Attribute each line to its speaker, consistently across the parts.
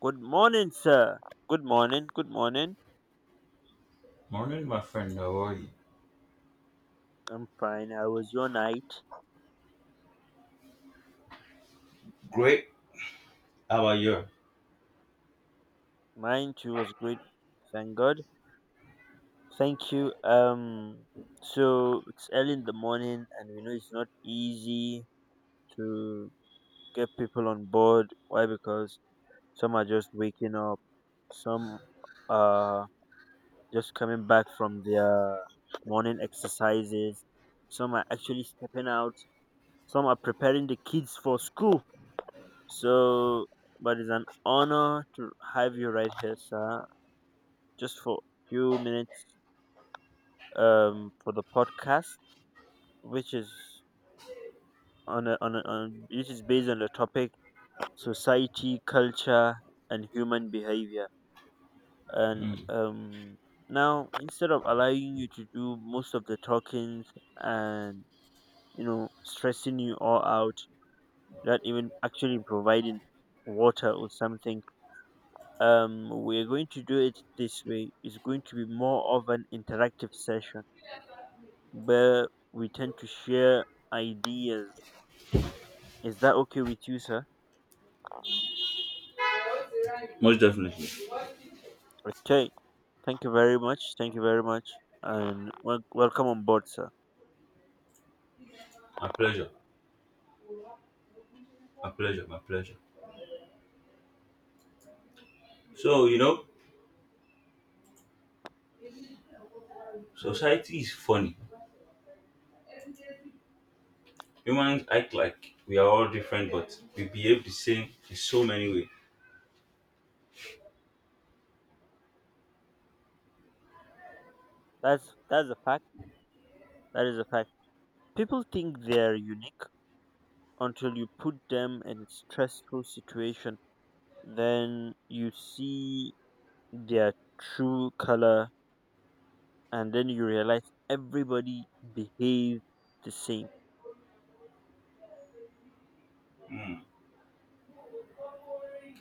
Speaker 1: Good morning, sir. Good morning. Good morning.
Speaker 2: Morning, my friend. How are you?
Speaker 1: I'm fine. How was your night?
Speaker 2: Great. How are you?
Speaker 1: Mine too was great. Thank God. Thank you. So it's early in the morning, and we know it's not easy to get people on board. Why? Because some are just waking up. Some are just coming back from their morning exercises. Some are actually stepping out. Some are preparing the kids for school. So, but it's an honor to have you right here, sir, just for a few minutes, for the podcast, which is on a, on, a, on which is based on the topic: society, culture, and human behavior. And
Speaker 2: Mm.
Speaker 1: now, instead of allowing you to do most of the talkings and stressing you all out, not even actually providing water or something, we're going to do it this way. It's going to be more of an interactive session where we tend to share ideas. Is that okay with you, sir?
Speaker 2: Most definitely.
Speaker 1: Okay. Thank you very much. Thank you very much. And welcome on board, sir.
Speaker 2: My pleasure. My pleasure. My pleasure. So, you know, society is funny. Humans act like we are all different, but we behave the same in so many ways.
Speaker 1: That's a fact. That is a fact. People think they're unique until you put them in a stressful situation, then you see their true color, and then you realize everybody behaves the same.
Speaker 2: Mm,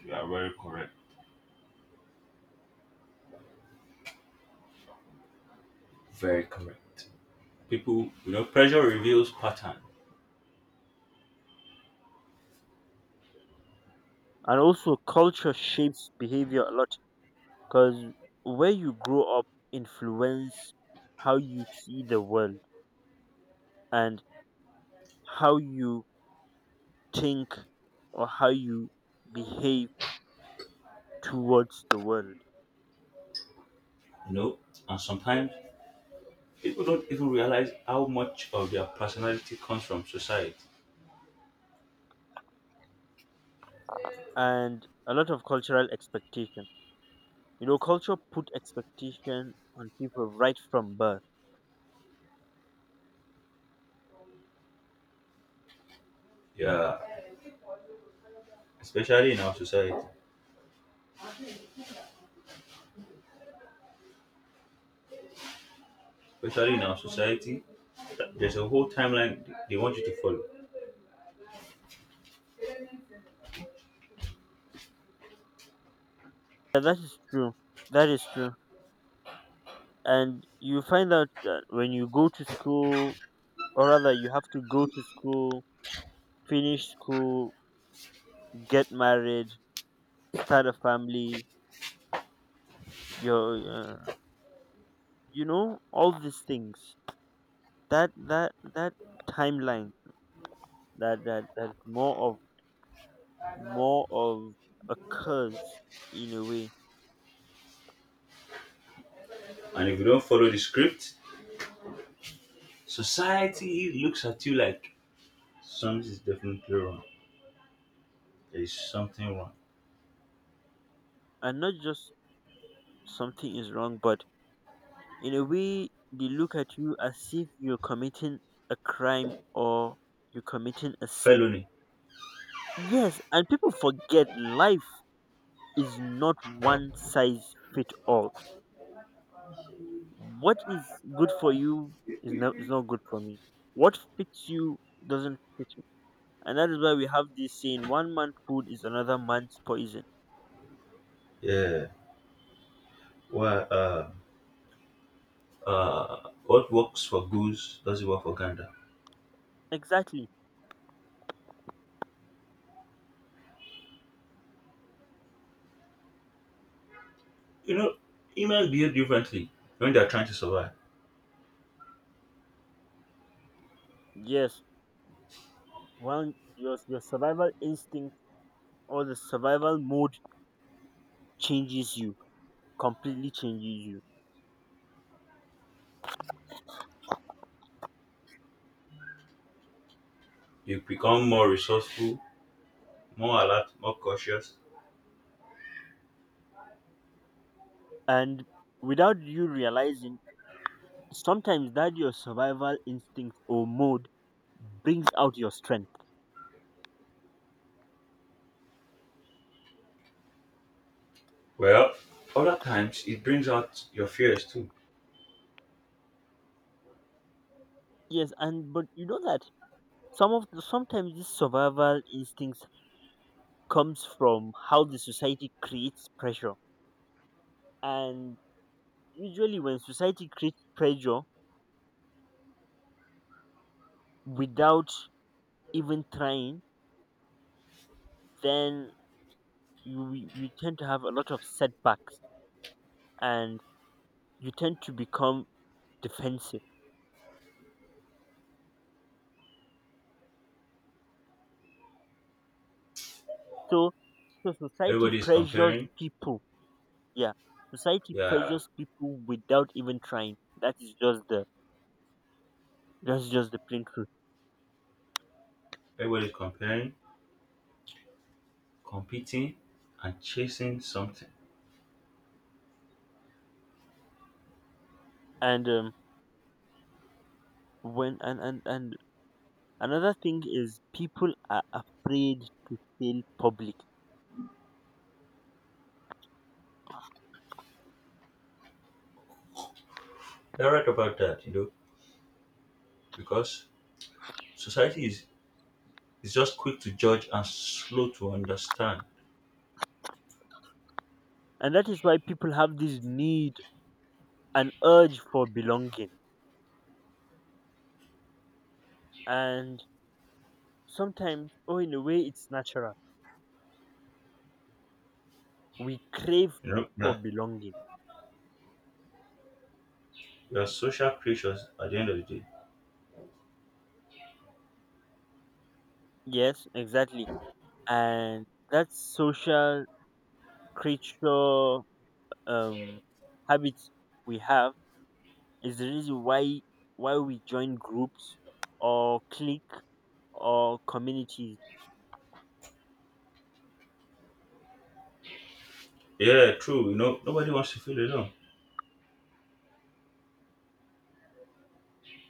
Speaker 2: you are very correct. Very correct. People, you know, pressure reveals pattern.
Speaker 1: And also culture shapes behavior a lot, because where you grow up influence how you see the world and how you think or how you behave towards the world.
Speaker 2: you know, and sometimes people don't even realize how much of their personality comes from society.
Speaker 1: And a lot of cultural expectation. You know, culture put expectation on people right from birth.
Speaker 2: Yeah, especially in our society. Especially in our society, that there's a whole timeline they want you to follow.
Speaker 1: Yeah, that is true. That is true. And you find out that when you go to school, or rather, you have to go to school, finish school, get married, start a family. Your, uh, all these things. That timeline. That more of occurs in a way.
Speaker 2: And if you don't follow the script, society looks at you like something is definitely wrong. There is something wrong.
Speaker 1: And not just something is wrong, but in a way they look at you as if you're committing a crime or you're committing a sin.
Speaker 2: Felony.
Speaker 1: Yes, and people forget life is not one size fit all. What is good for you is not good for me. What fits you doesn't fit me. And that is why we have this saying one man's food is another man's poison.
Speaker 2: Yeah. Well, uh, what works for goose doesn't work for gander.
Speaker 1: Exactly.
Speaker 2: You know, humans behave differently when they're trying to survive.
Speaker 1: Yes. One Your survival instinct or the survival mode changes you, completely changes you.
Speaker 2: You become more resourceful, more alert, more cautious.
Speaker 1: And without you realizing, sometimes that your survival instinct or mode brings out your strength.
Speaker 2: Well, other times it brings out your fears too.
Speaker 1: Yes, and but you know that sometimes this survival instincts comes from how the society creates pressure. And usually when society creates pressure without even trying, then you tend to have a lot of setbacks and you tend to become defensive. So so society
Speaker 2: Everybody is
Speaker 1: pressures
Speaker 2: comparing.
Speaker 1: people. Yeah, society
Speaker 2: Yeah,
Speaker 1: pressures people without even trying. That's just the plain truth.
Speaker 2: everybody's comparing, competing, and chasing something.
Speaker 1: And when and another thing is people are afraid to fail public,
Speaker 2: You're right about that, because society is just quick to judge and slow to understand.
Speaker 1: and that is why people have this need and urge for belonging. And sometimes, oh, in a way, it's natural. We crave
Speaker 2: Yeah,
Speaker 1: for belonging.
Speaker 2: we are social creatures at the end of the day.
Speaker 1: Yes, exactly. And that social creature um habits we have is the reason why we join groups or clique or communities,
Speaker 2: Yeah, true. Nobody wants to feel alone,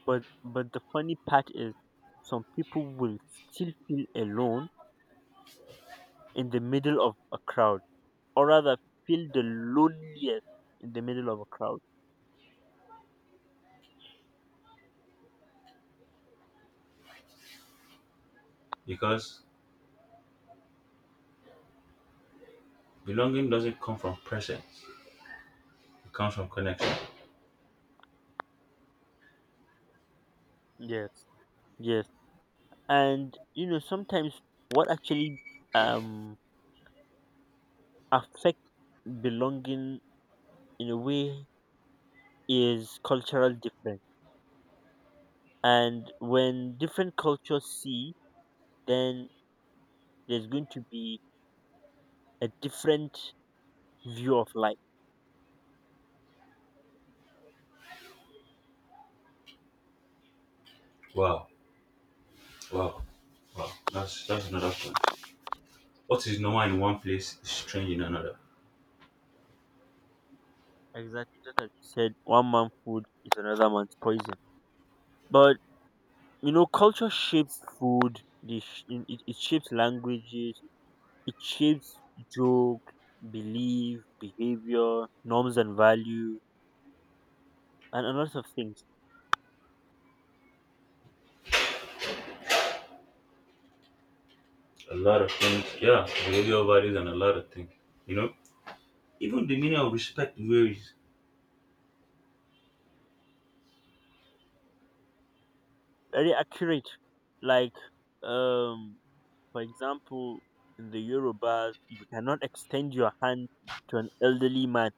Speaker 1: but the funny part is some people will still feel alone in the middle of a crowd, or rather feel the loneliest in the middle of a crowd.
Speaker 2: because belonging doesn't come from presence, it comes from connection.
Speaker 1: Yes. Yes. And you know sometimes what actually um affects belonging in a way is cultural difference. And when different cultures see, then there's going to be a different view of life.
Speaker 2: Wow, wow, wow. That's another point. What is normal in one place is strange in another.
Speaker 1: Exactly, just as you said, one man's food is another man's poison. But you know, culture shapes food. It shapes languages. It shapes joke, belief, behavior, norms and value, and a lot of things.
Speaker 2: A lot of things, yeah, behavioral values and a lot of things. You know, Even the meaning of respect varies.
Speaker 1: Very accurate. Like, um, for example, in the Yoruba, you cannot extend your hand to an elderly man,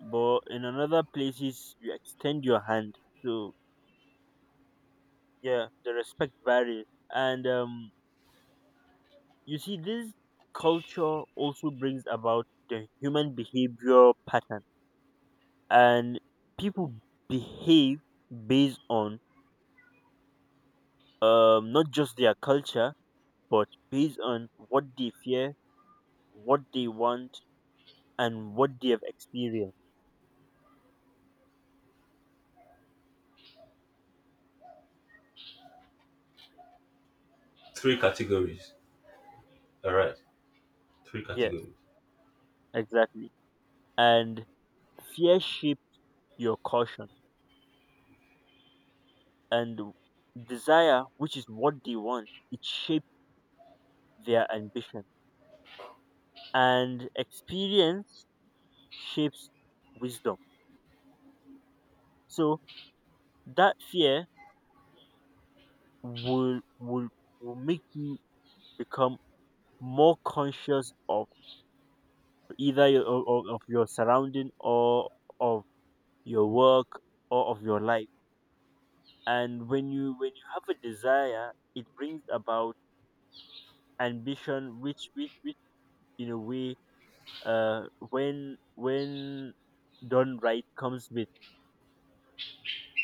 Speaker 1: but in another places you extend your hand. So, yeah, the respect varies. And you see this culture also brings about the human behavior pattern. And people behave based on, not just their culture, but based on what they fear, what they want, and what they have experienced.
Speaker 2: Three categories. All right. Three
Speaker 1: Yes,
Speaker 2: categories.
Speaker 1: exactly. And fear shape your caution. And desire, which is what they want, it shapes their ambition. And experience shapes wisdom. So that fear will will will make you become more conscious of either your, of your surrounding, or of your work, or of your life. And when you have a desire, it brings about ambition, which in a way, uh, when done right comes with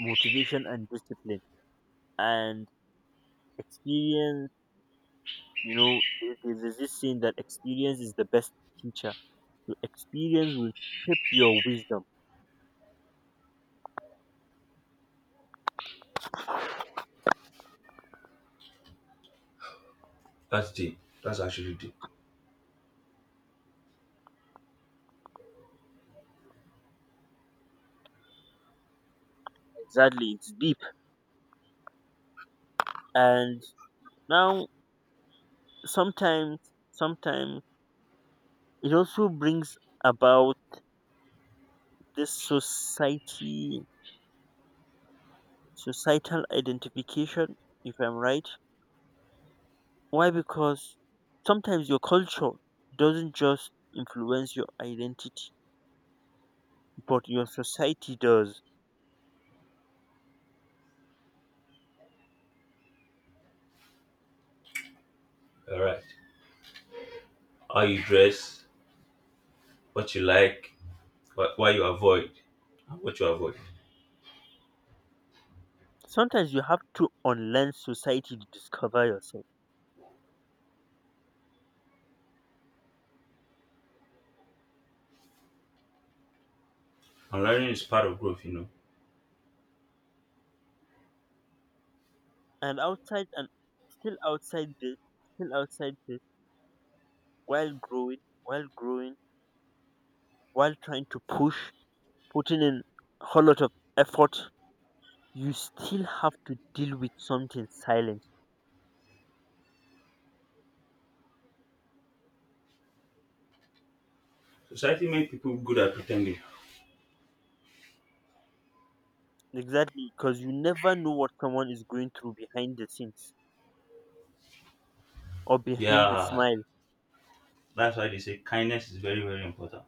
Speaker 1: motivation and discipline. And experience, you know, there's this saying that experience is the best teacher. So experience will shape your wisdom.
Speaker 2: That's deep. That's actually deep.
Speaker 1: Exactly, it's deep. And now, sometimes sometimes it also brings about this society societal identification, if I'm right. Why? Because sometimes your culture doesn't just influence your identity, but your society does.
Speaker 2: All right. How you dress, what you like, what you avoid, and what you avoid.
Speaker 1: Sometimes you have to unlearn society to discover yourself.
Speaker 2: And learning is part of growth, you know.
Speaker 1: And still outside this, still outside this, while growing, while growing, while trying to push, putting in a whole lot of effort, you still have to deal with something silent.
Speaker 2: Society makes people good at pretending.
Speaker 1: Exactly, because you never know what someone is going through behind the scenes or behind the
Speaker 2: Yeah,
Speaker 1: smile.
Speaker 2: that's why they say kindness is very, very important.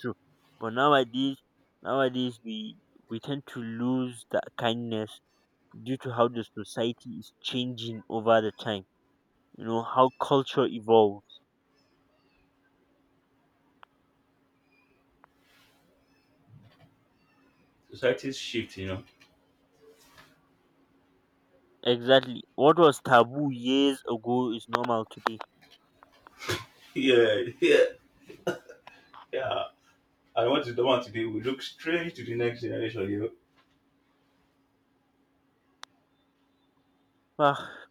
Speaker 1: True, but nowadays we tend to lose that kindness due to how the society is changing over the time. You know how culture evolves.
Speaker 2: Society's shift, you know.
Speaker 1: Exactly, what was taboo years ago is normal today.
Speaker 2: Yeah, yeah, yeah. And what is the one today? We look straight to the next generation, you know.
Speaker 1: Ah,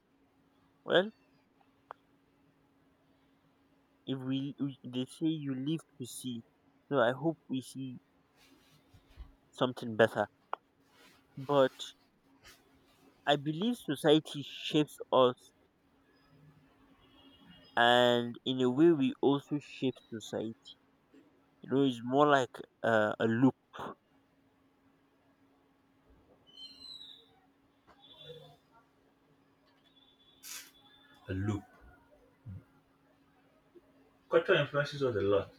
Speaker 1: well, if we, we they say you live to see, so I hope we see something better. But I believe society shapes us, and in a way we also shape society. You know, it's more like, a loop.
Speaker 2: A loop. Culture influences us a lot,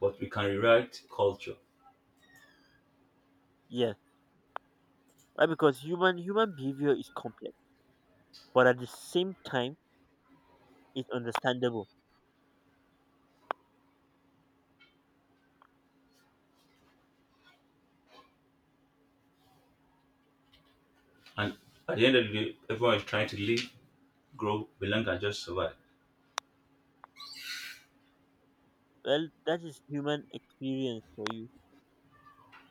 Speaker 2: but we can rewrite culture.
Speaker 1: Yes, right, because human behavior is complex, but at the same time it's understandable.
Speaker 2: And at the end of the day, everyone is trying to live, grow, belong, and just survive.
Speaker 1: Well, that is human experience for you.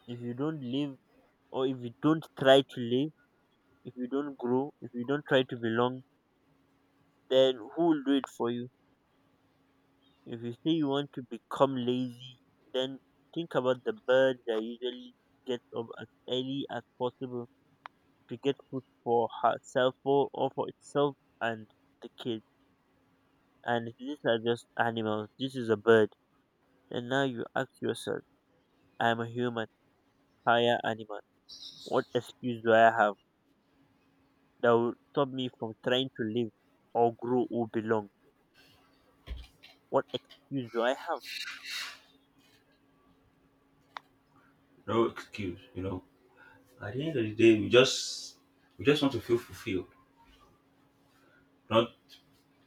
Speaker 1: If you don't live, or if you don't try to live, if you don't grow, if you don't try to belong, then who will do it for you? If you say you want to become lazy, then think about the bird that usually gets up as early as possible to get food for herself, or for itself, and the kids. And these are just animals. This is a bird. And now you ask yourself, I am a human, higher animal. What excuse do I have that will stop me from trying to live or grow or belong? What excuse do I
Speaker 2: No excuse, you know. At the end of the day, we just want to feel fulfilled, not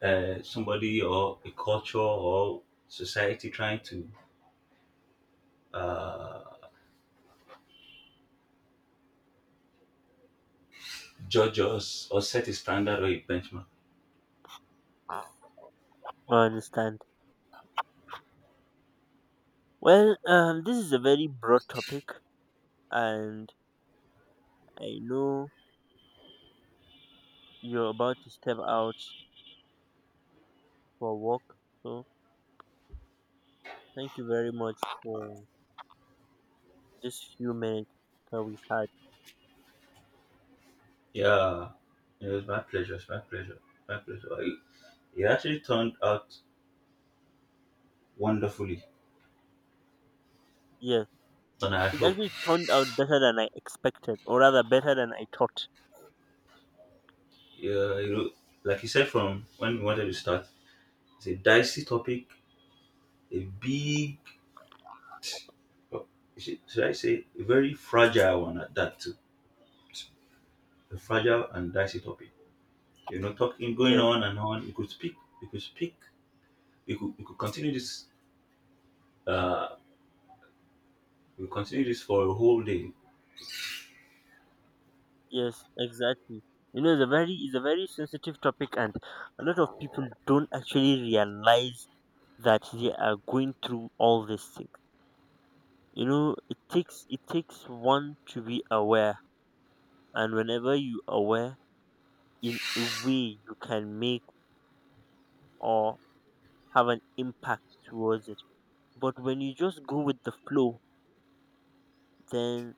Speaker 2: somebody or a culture or society trying to uh, judge us or set a standard or a benchmark.
Speaker 1: have? I understand. Well, this is a very broad topic, and I know you're about to step out for work. So thank you very much for this few minutes that we had.
Speaker 2: Yeah, it was my pleasure. It's my pleasure. My pleasure. It actually turned out wonderfully,
Speaker 1: Yes, it,
Speaker 2: and I
Speaker 1: it
Speaker 2: hope.
Speaker 1: actually turned out better than I expected, or rather better than I thought.
Speaker 2: Yeah, like you said from when we wanted to start, it's a dicey topic, a big, oh, should I say, a very fragile one at that too. A fragile and dicey topic. You know, talking going
Speaker 1: Yes.
Speaker 2: on and on. You could speak. You could speak. You could continue this. Uh, we continue this for a whole day.
Speaker 1: Yes, exactly. You know, it's a very sensitive topic, and a lot of people don't actually realize that they are going through all these things. You know, it takes one to be aware, and whenever you aware, in a way you can make or have an impact towards it. But when you just go with the flow, then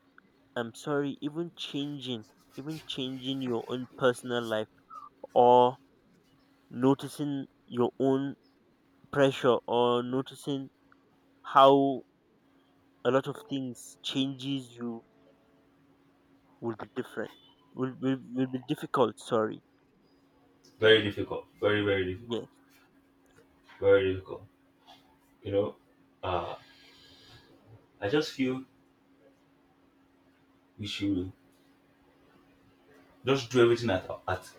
Speaker 1: I'm sorry, even changing your own personal life or noticing your own pressure or noticing how a lot of things changes you will be different will be difficult, sorry.
Speaker 2: Very difficult. Very difficult.
Speaker 1: Yes,
Speaker 2: Very difficult. You know, uh, I just feel we should just do everything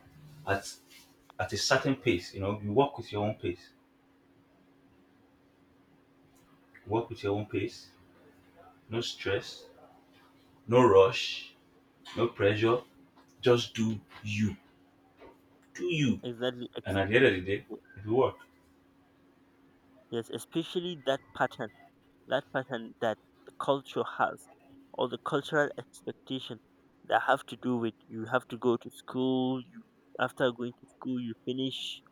Speaker 2: at at a certain pace. You know, you work with your own pace. Work with your own pace. No stress. No rush, no pressure. Just do you, do you,
Speaker 1: exactly,
Speaker 2: and at the end of the day it will work
Speaker 1: yes, especially that pattern, that pattern that the culture has, or the cultural expectation, that have to do with you have to go to school, you, after going to school, you finish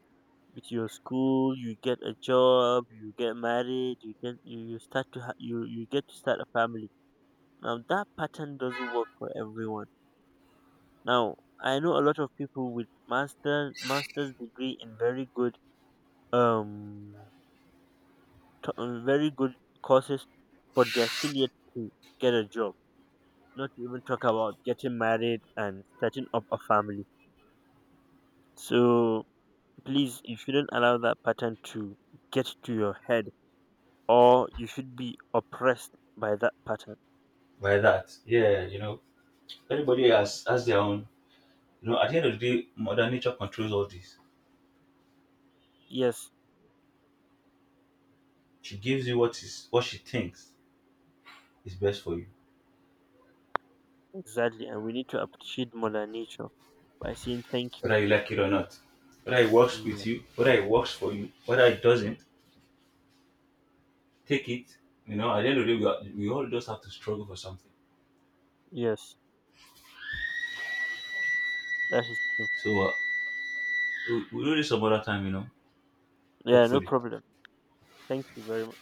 Speaker 1: with your school, you get a job, you get married, you get to start a family. Now that pattern doesn't work for everyone. Now I know a lot of people with master's degree in um very good courses, but they're still yet to get a job. Not to even talk about getting married and starting up a family. So please, you shouldn't allow that pattern to get to your head, or you should be oppressed by that pattern.
Speaker 2: like that. Yeah, everybody has their own. You know, at the end of the day, mother nature controls all this.
Speaker 1: Yes,
Speaker 2: She gives you what is what she thinks is best for you,
Speaker 1: exactly, and we need to appreciate Mother Nature by saying thank you.
Speaker 2: whether you like it or not,
Speaker 1: Yeah.
Speaker 2: whether it works for you, whether it doesn't, take it. You know, at the end of the day, we all just have to struggle for something.
Speaker 1: Yes, that is true.
Speaker 2: So we'll do this some other time, you know,
Speaker 1: Yeah, no
Speaker 2: hopefully.
Speaker 1: problem. Thank you very much.